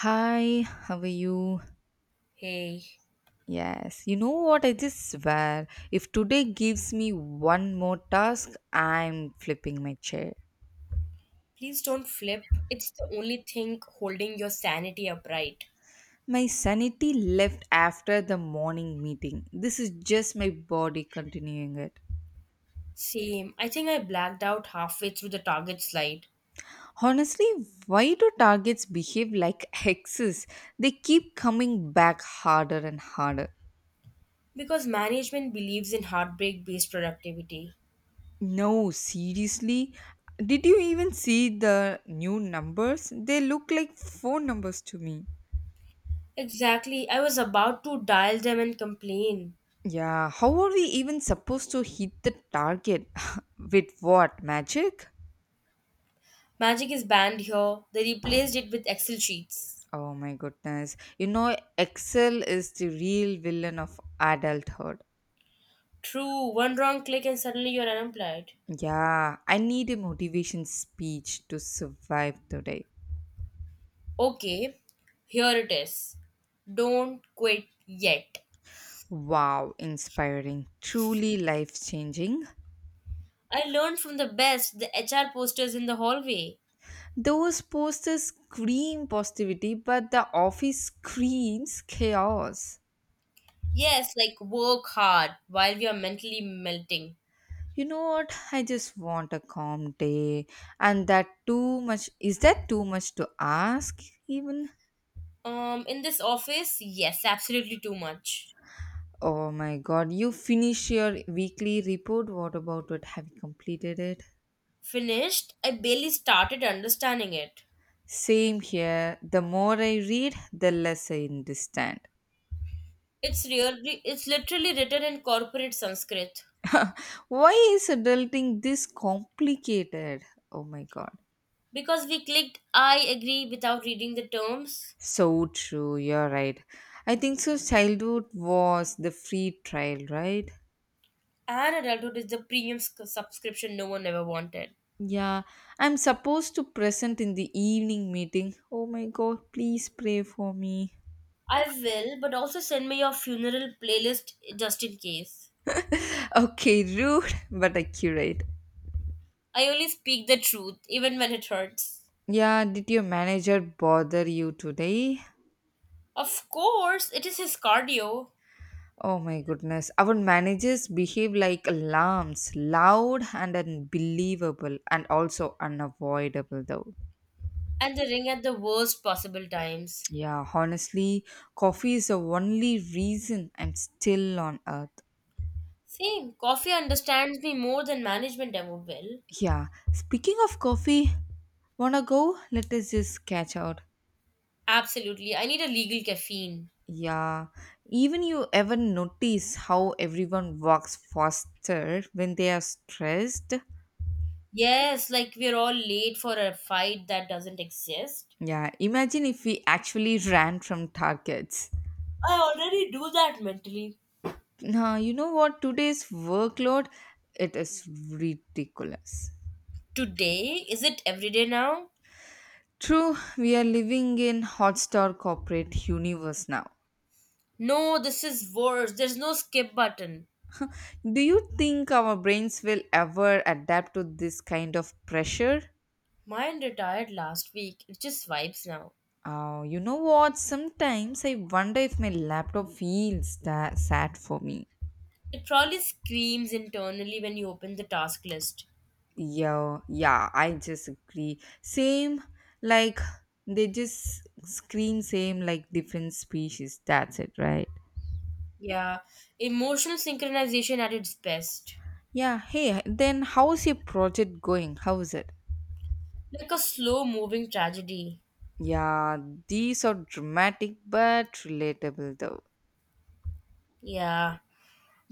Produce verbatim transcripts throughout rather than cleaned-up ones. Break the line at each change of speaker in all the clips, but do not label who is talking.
Hi, how are you?
Hey,
Yes, you know what? I just swear, if today gives me one more task, I'm flipping my chair.
please don't flip. It's the only thing holding your sanity upright.
My sanity left after the morning meeting. This is just my body continuing it.
Same. I think I blacked out halfway through the target slide
Honestly, why do targets behave like hexes? They keep coming back harder and harder.
because management believes in heartbreak based productivity.
No, seriously? Did you even see the new numbers? They look like phone numbers to me.
Exactly. I was about to dial them and complain.
Yeah, how are we even supposed to hit the target? With what? Magic?
Magic is banned here. They replaced it with Excel sheets.
Oh my goodness. You know, Excel is the real villain of adulthood.
True. One wrong click and suddenly you're unemployed.
Yeah, I need a motivation speech to survive today.
Okay, here it is. Don't quit yet.
Wow, inspiring, truly life changing.
I learned from the best, the H R posters in the hallway.
Those posters scream positivity, but the office screams chaos.
Yes, like work hard while we are mentally melting.
You know what? I just want a calm day, and that too much. Is that too much to ask, even?
Um, in this office, yes, absolutely too much.
Oh my god, you finish your weekly report. What about it? Have you completed it?
Finished, I barely started understanding it.
Same here. The more I read, the less I understand.
It's really, it's literally written in corporate Sanskrit.
Why is adulting this complicated? Oh my god.
Because we clicked I agree without reading the terms,
So true, you're right. I think so. Childhood was the free trial, right?
and adulthood is the premium sc- subscription no one ever wanted.
Yeah, I'm supposed to present in the evening meeting. Oh my god, please pray for me.
I will, but also send me your funeral playlist just in case.
Okay, rude but accurate.
I only speak the truth, even when it hurts.
Yeah, did your manager bother you today?
Of course, it is his cardio
Oh my goodness, our managers behave like alarms, loud and unbelievable, and also unavoidable though.
and the ring at the worst possible times.
Yeah, honestly, coffee is the only reason I'm still on earth.
Same, coffee understands me more than management ever will.
Yeah, speaking of coffee, wanna go? Let us just catch out.
Absolutely, I need a legal caffeine.
Yeah, even you ever notice how everyone walks faster when they are stressed?
Yes, like we're all late for a fight that doesn't exist.
Yeah, imagine if we actually ran from targets.
I already do that mentally.
Now, you know what? Today's workload, it is ridiculous.
Today? Is it every day now?
True, we are living in hotstar corporate universe now.
No, this is worse. There's no skip button.
Do you think our brains will ever adapt to this kind of pressure?
Mine retired last week. It just vibes now.
Oh, you know what? Sometimes I wonder if my laptop feels that sad for me.
It probably screams internally when you open the task list.
Yeah, yeah, I just agree. Same, like they just scream same like different species. That's it, right?
Yeah, emotional synchronization at its best.
Yeah. Hey, then how's your project going? How is it?
Like a slow moving tragedy.
Yeah, these are dramatic but relatable though.
Yeah.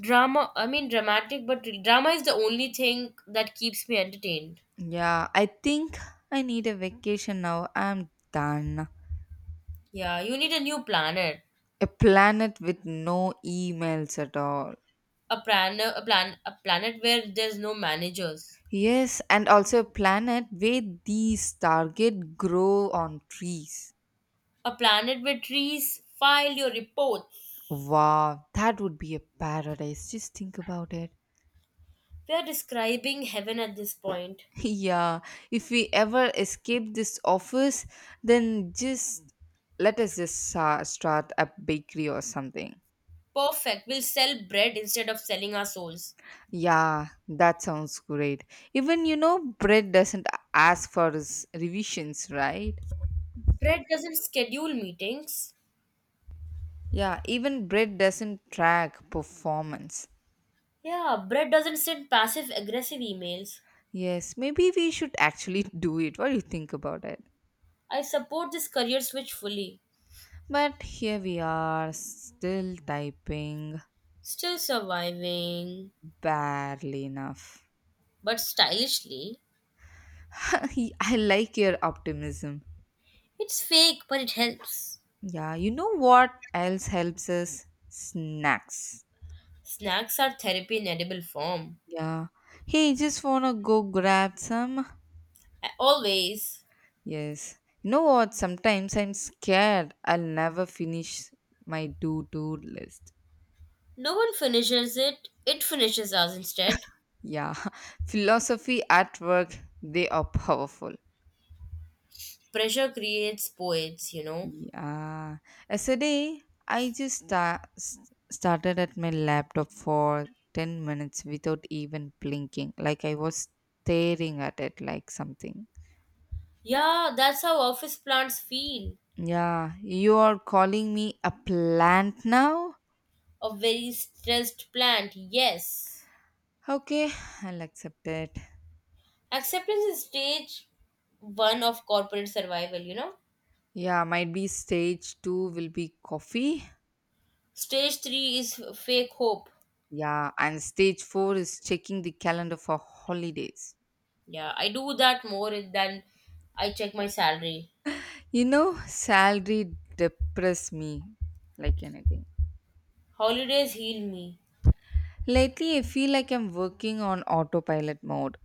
Drama, I mean, dramatic, but drama is the only thing that keeps me entertained.
Yeah, I think I need a vacation now. I'm done.
Yeah, you need a new planet.
A planet with no emails at all.
A planet, a plan, a planet where there's no managers.
Yes, and also a planet where these target grow on trees.
A planet where trees file your reports.
Wow, that would be a paradise. Just think about it.
We are describing heaven at this point.
yeah, if we ever escape this office, then just let us just uh, start a bakery or something.
Perfect. We'll sell bread instead of selling our souls.
Yeah, that sounds great. Even you know, bread doesn't ask for his revisions, right?
Bread doesn't schedule meetings.
Yeah, even bread doesn't track performance.
Yeah, Brett doesn't send passive aggressive emails.
Yes, maybe we should actually do it. What do you think about it?
I support this career switch fully.
But here we are, still typing
Still surviving,
barely enough.
but stylishly.
I like your optimism.
It's fake, but it helps.
Yeah, you know what else helps us? Snacks.
Snacks are therapy in edible form.
Yeah. Hey, just wanna go grab some?
I- Always.
Yes. You know what? Sometimes I'm scared I'll never finish my do do list.
No one finishes it, it finishes us instead.
Yeah. Philosophy at work, they are powerful.
Pressure creates poets, you know.
Yeah. Yesterday, I just sta- s- started at my laptop for ten minutes without even blinking. Like I was staring at it like something.
Yeah, that's how office plants feel.
Yeah, you are calling me a plant now?
A very stressed plant, yes.
Okay, I'll accept it.
Acceptance is stage one of corporate survival, you know?
Yeah, might be stage two will be coffee.
Stage three is fake hope.
Yeah, and stage four is checking the calendar for holidays.
Yeah, I do that more than I check my salary.
You know, salary depress me like anything.
Holidays heal me.
Lately, I feel like I'm working on autopilot mode.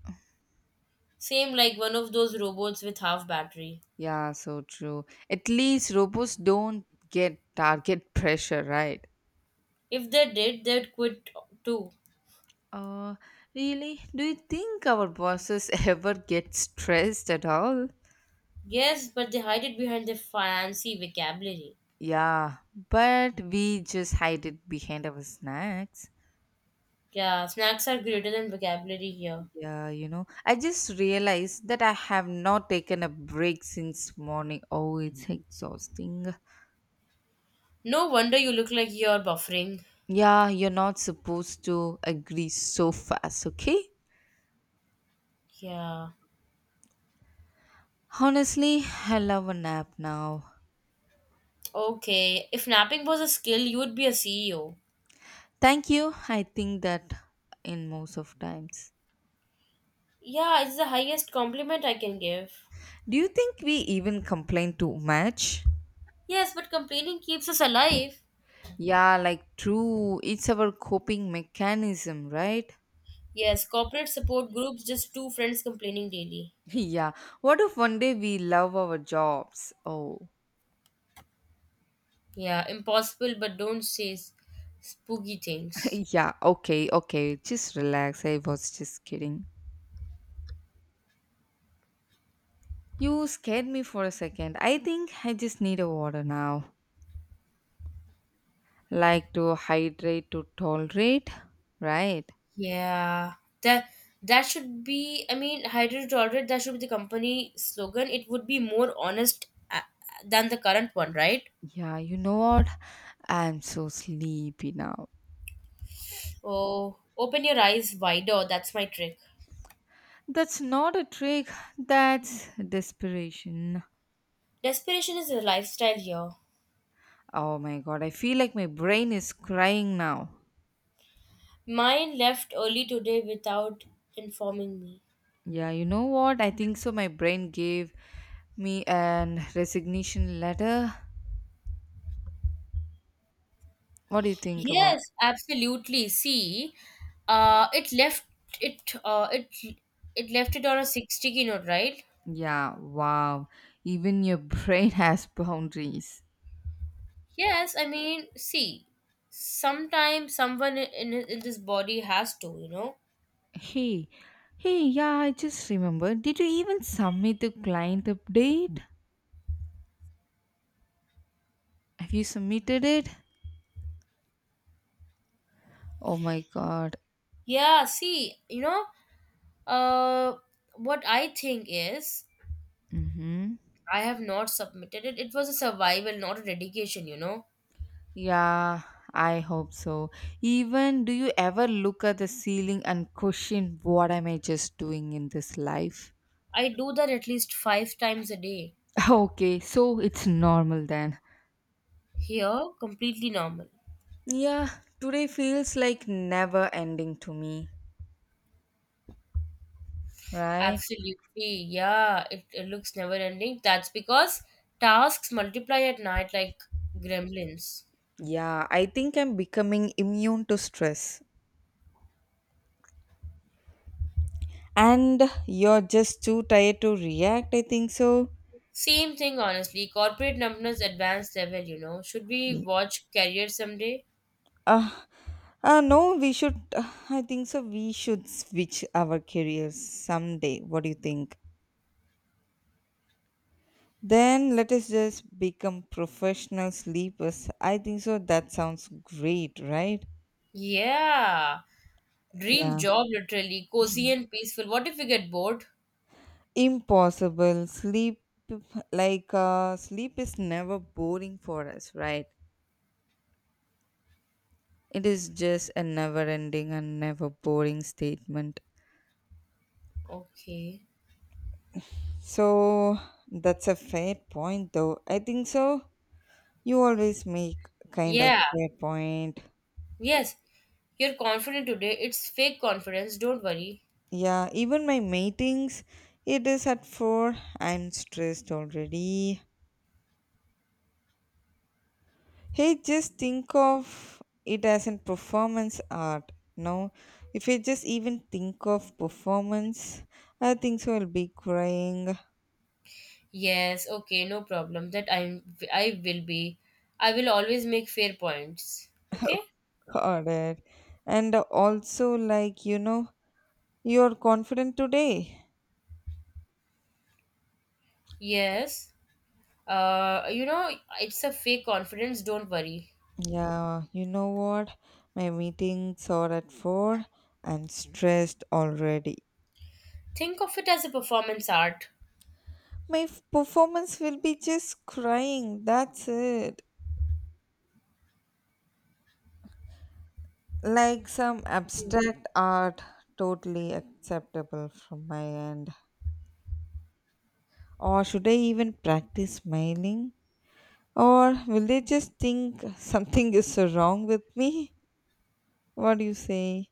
Same like one of those robots with half battery.
Yeah, so true. At least robots don't get target pressure, right?
If they did, they'd quit too.
Uh, really? Do you think our bosses ever get stressed at all?
Yes, but they hide it behind their fancy vocabulary.
Yeah, but we just hide it behind our snacks.
Yeah, snacks are greater than vocabulary here.
Yeah, you know, I just realized that I have not taken a break since morning. Oh, it's exhausting.
No wonder you look like you're buffering.
Yeah, you're not supposed to agree so fast, okay?
Yeah.
Honestly, I love a nap now.
Okay. If napping was a skill, you would be a C E O.
Thank you. I think that in most of times.
Yeah, it's the highest compliment I can give.
Do you think we even complain too much?
Yes, but complaining keeps us alive.
Yeah, like true. It's our coping mechanism, right?
Yes, corporate support groups, just two friends complaining daily.
Yeah. What if one day we love our jobs? Oh,
Yeah, impossible, but don't say s- spooky things.
yeah. Okay, okay. Just relax. I was just kidding. You scared me for a second. I think I just need a water now. Like to hydrate to tolerate, right?
Yeah, that that should be. I mean, hydrate tolerate. That should be the company slogan. It would be more honest uh, than the current one, right?
Yeah, you know what? I'm so sleepy now.
Oh, open your eyes wider. That's my trick.
That's not a trick, that's desperation.
Desperation is a lifestyle here.
Oh my god, I feel like my brain is crying now.
Mine left early today without informing me.
Yeah, you know what? I think so. My brain gave me an resignation letter. What do you think about? It?
Yes, absolutely. See, uh, it left it, uh, it it left it on a sixty note, right?
Yeah, wow. Even your brain has boundaries.
Yes, I mean, see, sometimes someone in in this body has to, you know.
Hey, hey, yeah, I just remembered. Did you even submit the client update? Have you submitted it? Oh my God.
Yeah, see, you know, uh, what I think is
Mm-hmm.
I have not submitted it. It was a survival, not a dedication, you know.
Yeah, I hope so. Even do you ever look at the ceiling and question, what am I just doing in this life?
I do that at least five times a day.
Okay, so it's normal then.
Here, completely normal.
Yeah, today feels like never ending to me, right?
Absolutely, yeah, it, it looks never ending. That's because tasks multiply at night like gremlins.
Yeah, I think I'm becoming immune to stress. And you're just too tired to react, I think so.
Same thing, honestly. Corporate numbness advanced level, you know. Should we watch Career someday?
Uh, uh, no, we should. uh, I think so. We should switch our careers someday. What do you think? Then let us just become professional sleepers. I think so. That sounds great, right?
Yeah, dream
Yeah.
job, literally cozy and peaceful. What if we get bored?
Impossible. Sleep, like, uh, sleep is never boring for us, right? It is just a never ending and never boring statement.
Okay,
So that's a fair point, though. I think so. You always make kind of
yeah,
fair point.
yes, you're confident today. It's fake confidence, don't worry.
Yeah, even my meetings, it is at four. I'm stressed already. Hey, just think of it as a performance art. No, if I just even think of performance, I think so I'll be crying.
Yes, okay, no problem. That I I will be. I will always make fair points. Okay?
God. And also, like, you know, you're confident today.
Yes. Uh, you know, it's a fake confidence, don't worry.
Yeah, you know what? My meetings are at four. I'm stressed already.
Think of it as a performance art.
My f- performance will be just crying. That's it. Like some abstract art, totally acceptable from my end. Or should I even practice smiling? Or will they just think something is so wrong with me? What do you say?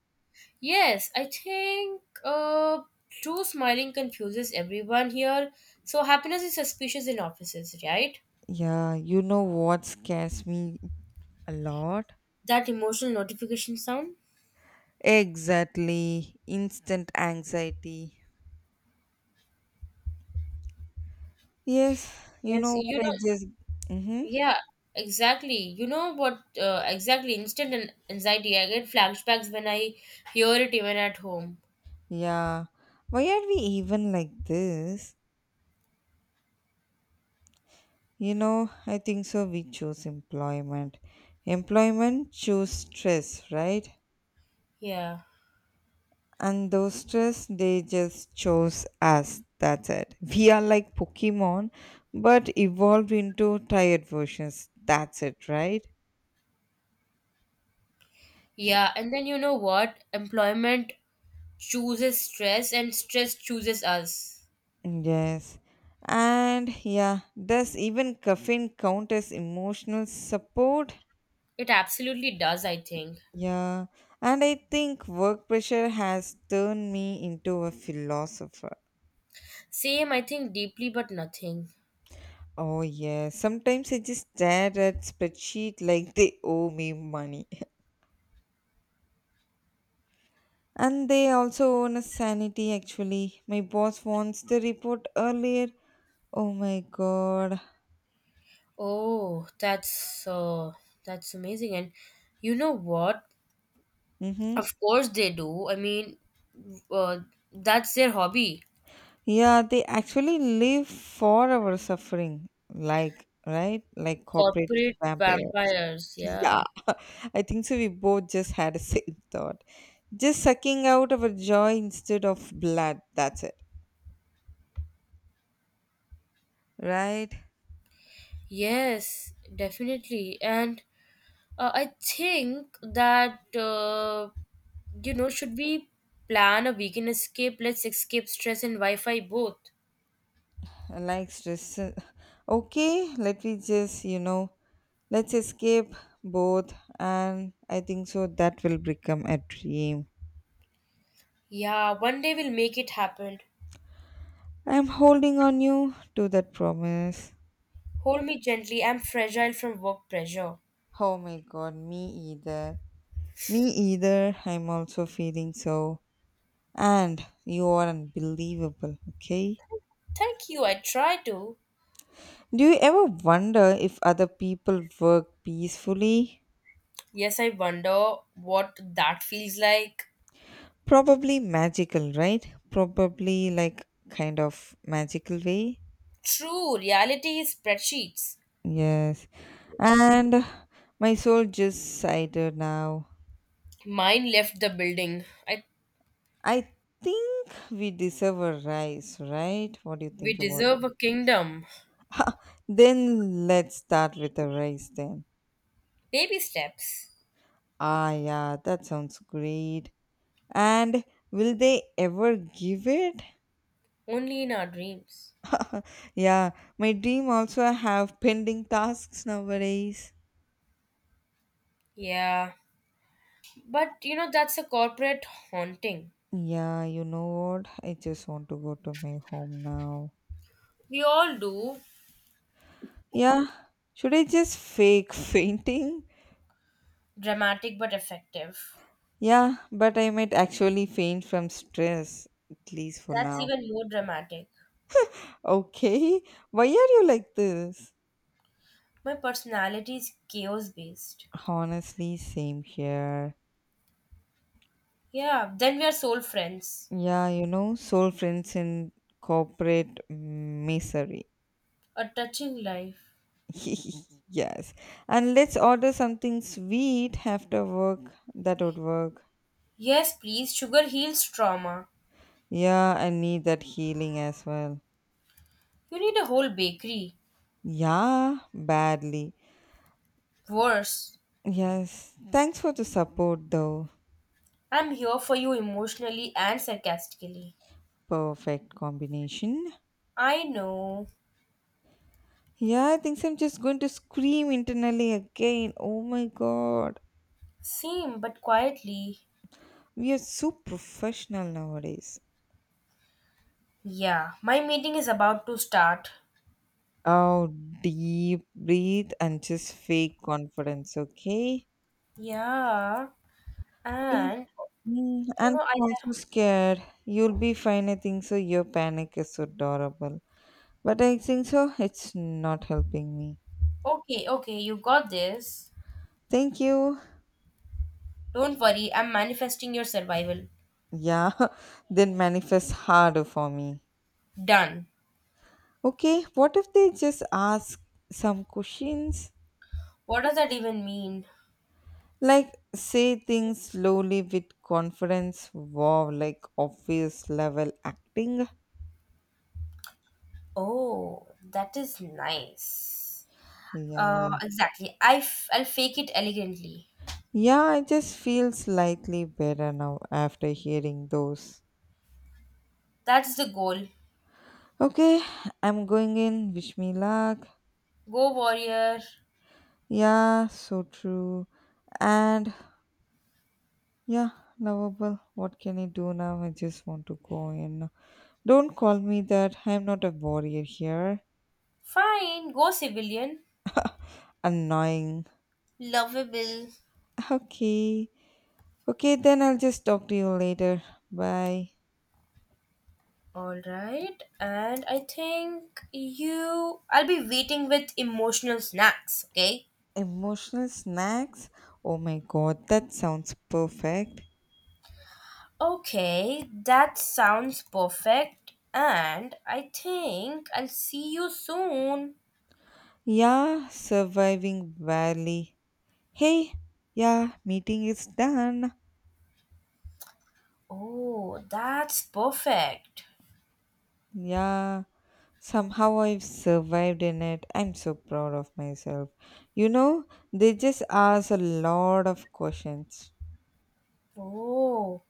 Yes, I think uh true smiling confuses everyone here. So happiness is suspicious in offices, right?
Yeah, you know what scares me a lot?
That emotional notification sound?
Exactly. Instant anxiety. Yes, you
Yes,
know
you
what I
know
just. Mm-hmm.
Yeah, exactly. You know what? Uh, exactly. Instant an- anxiety. I get flashbacks when I hear it, even at home.
Yeah. Why are we even like this? You know, I think so. We choose employment. Employment choose stress, right?
Yeah.
And those stress, they just chose us. That's it. We are like Pokemon, but evolved into tired versions. That's it, right?
Yeah. And then you know what? Employment chooses stress, and stress chooses us.
Yes. And yeah, does even caffeine count as emotional support?
It absolutely does, I think.
Yeah. And I think work pressure has turned me into a philosopher.
Same, I think deeply, but nothing.
Oh, yeah. Sometimes I just stare at spreadsheet like they owe me money. And they also own a sanity, actually. My boss wants the report earlier. Oh my god.
Oh, that's uh, that's amazing. And you know what?
Mm-hmm.
Of course they do. I mean, uh, that's their hobby.
Yeah, they actually live for our suffering, like, right? Like corporate
Corporate
vampires.
vampires,
Yeah,
yeah.
I think so. We both just had a same thought. Just sucking out our joy instead of blood. That's it, right?
Yes, definitely. And uh, I think that uh, you know should we plan a weekend escape. Let's escape stress and wi-fi both.
Like stress. Okay, let me just, you know, let's escape both. And I think so that will become a dream.
Yeah, one day we'll make it happen.
I'm holding on you to that promise.
Hold me gently, I'm fragile from work pressure.
Oh my god, me either. Me either. I'm also feeling so. And you are unbelievable, okay?
Thank you, I try to.
Do you ever wonder if other people work peacefully?
Yes, I wonder what that feels like.
Probably magical, right? Probably like kind of magical way.
True, reality is spreadsheets.
Yes. And my soul just sighed now.
Mine left the building. I.
I think we deserve a rise, right? What do you think
We
about it?
deserve a kingdom.
Then let's start with a rise then.
Baby steps.
Ah, yeah, that sounds great. And will they ever give it?
Only in our dreams.
Yeah, my dream also have pending tasks nowadays.
Yeah. But you know, that's a corporate haunting.
Yeah, you know what? I just want to go to my home now.
We all do.
Yeah, should I just fake fainting?
Dramatic but effective.
Yeah, but I might actually faint from stress at least for
That's
now.
even more dramatic.
Okay, why are you like this?
My personality is chaos based.
Honestly, same here.
Yeah, then we are soul friends.
Yeah, you know, soul friends in corporate misery.
A touching life.
Yes. And let's order something sweet after work. That would work.
Yes, please, sugar heals trauma.
Yeah, I need that healing as well.
You need a whole bakery.
Yeah, badly.
Worse,
Yes. Thanks for the support, though.
I'm here for you emotionally and sarcastically.
Perfect combination.
I know.
Yeah, I think so. I'm just going to scream internally again. Oh my god.
Same, but quietly.
We are so professional nowadays.
Yeah, my meeting is about to start.
Oh, deep breathe and just fake confidence, okay?
Yeah, and
Mm,
you
and
know, I
I'm also
have.
scared. You'll be fine. I think so. Your panic is so adorable. But I think so. It's not helping me.
Okay, okay, you got this.
Thank you.
Don't worry, I'm manifesting your survival.
Yeah, then manifest harder for me.
Done.
Okay, what if they just ask some questions?
What does that even mean?
Like, say things slowly with confidence. Wow, like obvious level acting.
Oh, that is nice. Uh,
Yeah.
exactly. I f- I'll fake it elegantly.
Yeah, I just feel slightly better now after hearing those.
That's the goal.
Okay, I'm going in. Wish me luck.
Go warrior.
Yeah, so true. And yeah, lovable. What can I do now? I just want to go in. Don't call me that. I'm not a warrior here.
Fine. Go civilian.
Annoying.
Lovable.
Okay. Okay, then I'll just talk to you later. Bye.
All right, and I think you. I'll be waiting with emotional snacks, okay?
Emotional snacks? Oh my god, that sounds perfect.
Okay, that sounds perfect, and I think I'll see you soon.
Yeah, surviving valley. Hey, yeah, meeting is done.
Oh, that's perfect.
Yeah, somehow I've survived in it. I'm so proud of myself. You know, they just ask a lot of questions.
Oh,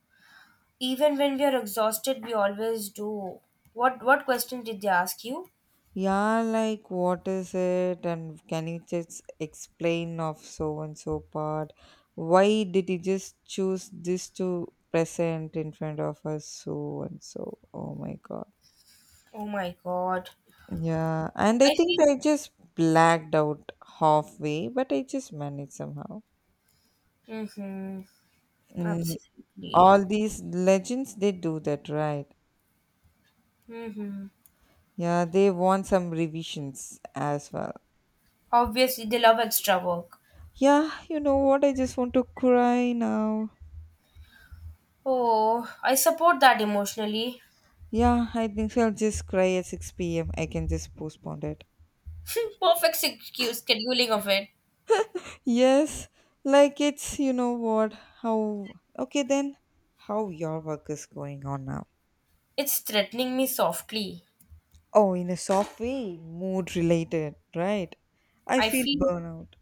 even when we are exhausted, we always do. What what question did they ask you?
Yeah, like what is it and can you just explain of so and so part? Why did you just choose this to present in front of us so and so? Oh my god.
Oh my god.
Yeah, and I
I
think
see.
I just blacked out halfway, but I just managed somehow.
Mm-hmm.
Mm,
Absolutely.
all these legends, they do that, right?
Mm-hmm.
Yeah, they want some revisions as well.
Obviously, they love extra work.
Yeah, you know what, I just want to cry now.
Oh, I support that emotionally.
Yeah, I think so. I'll just cry at six p m. I can just postpone it.
Perfect secu- scheduling of it.
Yes. Like, it's, you know what, how, okay then, how your work is going on now?
It's threatening me softly.
Oh, in a soft way, mood related, right? I
I
feel
feel,
burnout.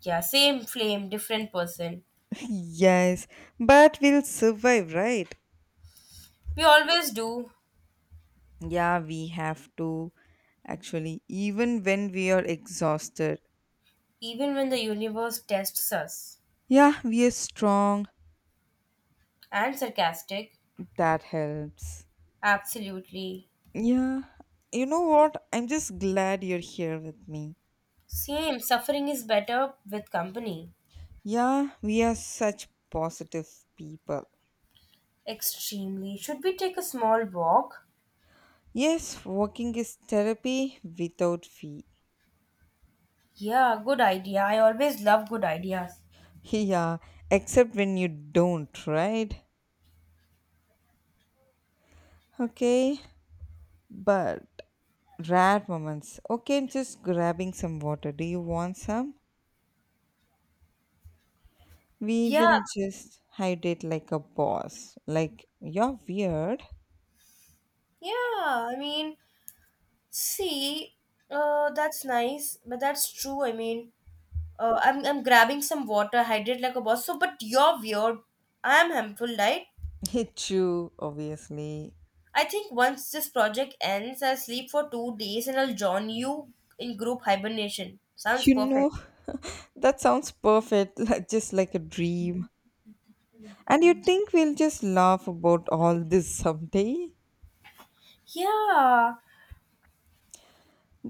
yeah, same flame, different person.
Yes, but we'll survive, right?
We always do,
Yeah, we have to actually, even when we are exhausted.
even when the universe tests us.
Yeah, we are strong.
And sarcastic.
That helps.
Absolutely.
Yeah, you know what? I'm just glad you're here with me.
Same, suffering is better with company.
Yeah, we are such positive people.
Extremely. Should we take a small walk?
Yes, walking is therapy without fee.
Yeah, good idea. I always love good ideas.
Yeah, except when you don't, right? Okay, but rare moments. Okay, I'm just grabbing some water. Do you want some? We
Yeah,
will just hide it like a boss. Like, you're weird.
yeah. I mean, see, uh, that's nice, but that's true. I mean, uh, I'm I'm grabbing some water, hydrate like a boss. So, but you're weird. I'm harmful, right?
Hit you, obviously.
I think once this project ends, I'll sleep for two days and I'll join you in group hibernation. Sounds
You
perfect.
know, that sounds perfect, like, just like a dream. And you think we'll just laugh about all this someday?
Yeah,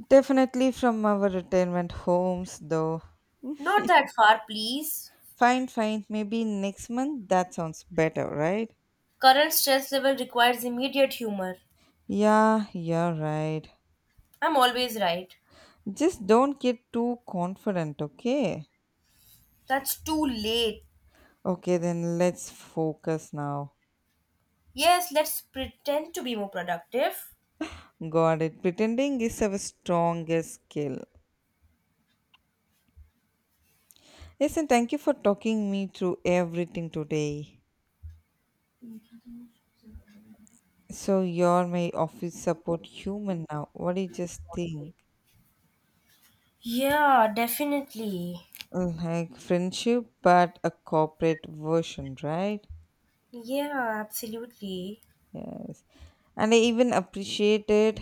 Definitely from our retirement homes, though.
not that far, please.
Fine, fine. Maybe next month that sounds better, right?
Current stress level requires immediate humor.
Yeah, you're right.
I'm always right.
Just don't get too confident, okay?
That's too late.
Okay, then let's focus now.
Yes, let's pretend to be more productive.
Got it. Pretending is our strongest skill. Yes, and thank you for talking me through everything today. So you're my office support human now. What do you just think?
Yeah, definitely.
Like friendship, but a corporate version, right?
Yeah, absolutely.
Yes. And I even appreciate it.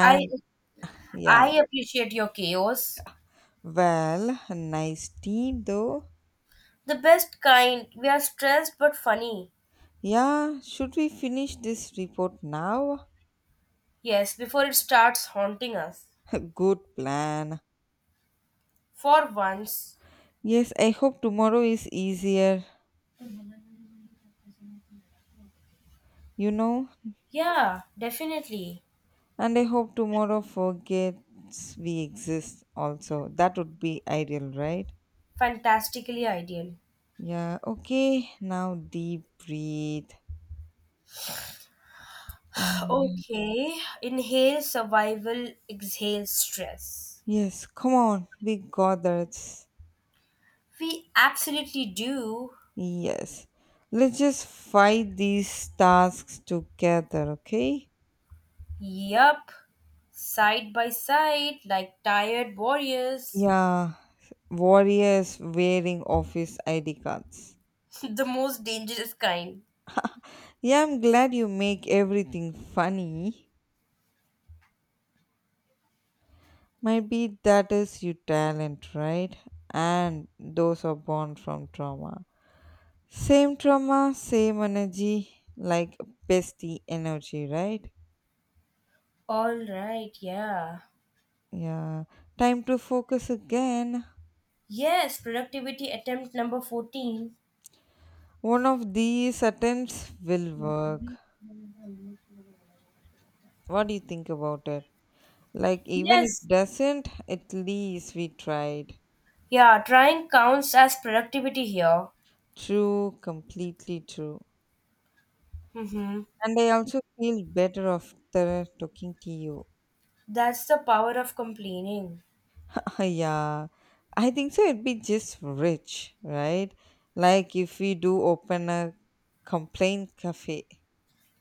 I
yeah,
I appreciate your chaos.
well, a nice team though.
The best kind. We are stressed but funny.
Yeah, should we finish this report now?
Yes, before it starts haunting us.
Good plan.
For once.
Yes, I hope tomorrow is easier, you know,
Yeah, definitely.
and I hope tomorrow forgets we exist also. That would be ideal, right?
Fantastically ideal.
Yeah, okay. Now deep breathe. Um,
Okay. Inhale survival, exhale stress.
Yes, come on. We got this.
We absolutely do.
Yes. Let's just fight these tasks together, okay?
Yup. Side by side, like tired warriors.
Yeah, warriors wearing office I D cards.
The most dangerous kind.
Yeah, I'm glad you make everything funny. Maybe that is your talent, right? And those are born from trauma. Same trauma, same energy, like bestie energy, right?
All right, yeah.
Yeah. Time to focus again.
Yes, productivity attempt number fourteen.
One of these attempts will work. What do you think about it? Like, even if
Yes.
doesn't, at least we tried.
Yeah, trying counts as productivity here.
True, completely true.
Mm-hmm.
And I also feel better after talking to you.
That's the power of complaining.
Yeah, I think so. It'd be just rich, right? Like if we do open a complaint cafe,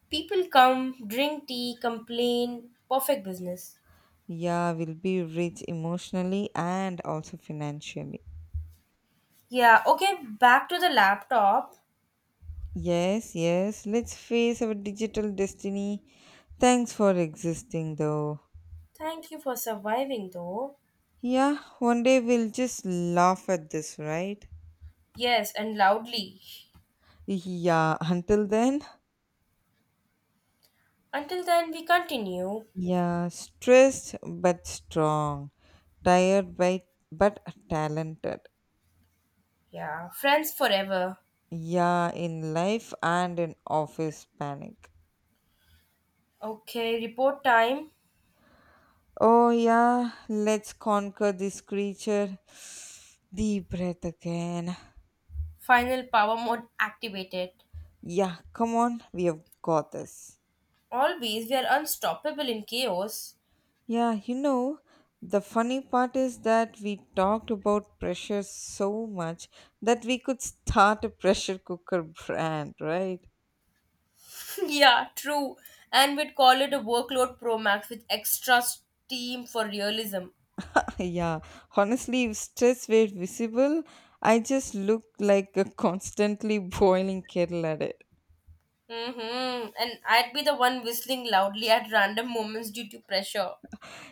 People come, drink tea, complain. Perfect business.
yeah, we'll be rich emotionally and also financially.
Yeah, okay, back to the laptop.
Yes, yes, let's face our digital destiny. Thanks for existing, though.
Thank you for surviving though.
Yeah, one day we'll just laugh at this, right?
Yes, and loudly.
Yeah, until then,
Until then, we continue.
yeah, stressed but strong, tired by but talented.
Yeah, friends forever.
Yeah, in life and in office panic.
Okay, report time.
Oh, yeah, let's conquer this creature. Deep breath again.
Final power mode activated.
Yeah, come on, we have got this.
Always, we are unstoppable in chaos.
Yeah, you know, the funny part is that we talked about pressure so much that we could start a pressure cooker brand, right?
Yeah, true. And we'd call it a workload Pro Max with extra steam for realism.
Yeah, honestly, if stress were visible, I just look like a constantly boiling kettle at it.
Mm-hmm. And I'd be the one whistling loudly at random moments due to pressure,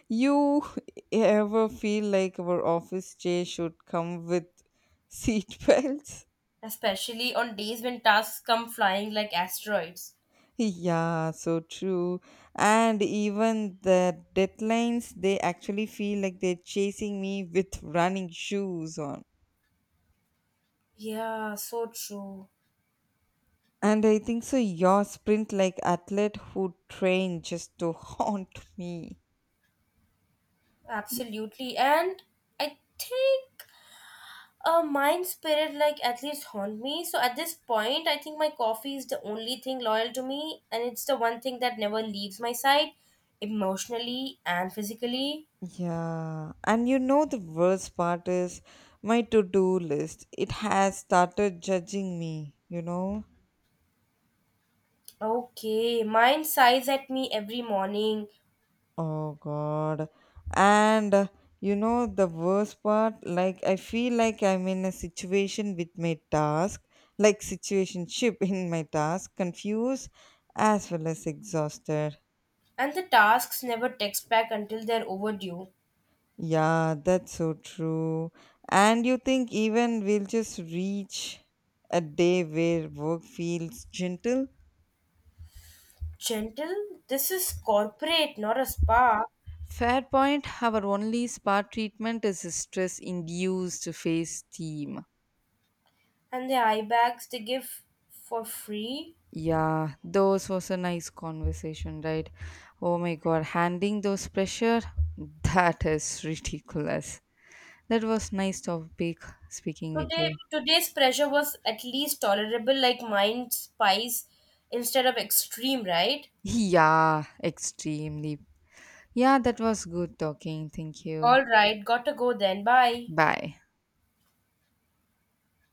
You ever feel like our office chair should come with seat belts?
especially on days when tasks come flying like asteroids.
Yeah, so true. And even the deadlines, they actually feel like they're chasing me with running shoes on.
Yeah, so true.
And I think so, your sprint like athlete who train just to haunt me. Y-
Absolutely. And I think a mind spirit like at least haunt me, so at this point I think my coffee is the only thing loyal to me, and it's the one thing that never leaves my side, emotionally and physically.
Yeah, and you know the worst part is my to-do list. It has started judging me, you know?
Okay, mine sighs at me every morning.
Oh God. And uh, you know the worst part, like I feel like I'm in a situation with my task, like situationship in my task, confused as well as exhausted.
And the tasks never text back until they're overdue.
Yeah, that's so true. And you think even we'll just reach a day where work feels gentle?
Gentle? This is corporate, not a spa.
Fair point, our only spa treatment is stress induced phase steam.
And the eye bags they give for free.
Yeah, those was a nice conversation, right? Oh my god, handling those pressure, that is ridiculous. That was nice topic speaking with you.
Today, today's pressure was at least tolerable, like mine spice instead of extreme, right?
Yeah, extremely. Yeah, that was good talking. Thank you.
All right, gotta go then. Bye.
Bye.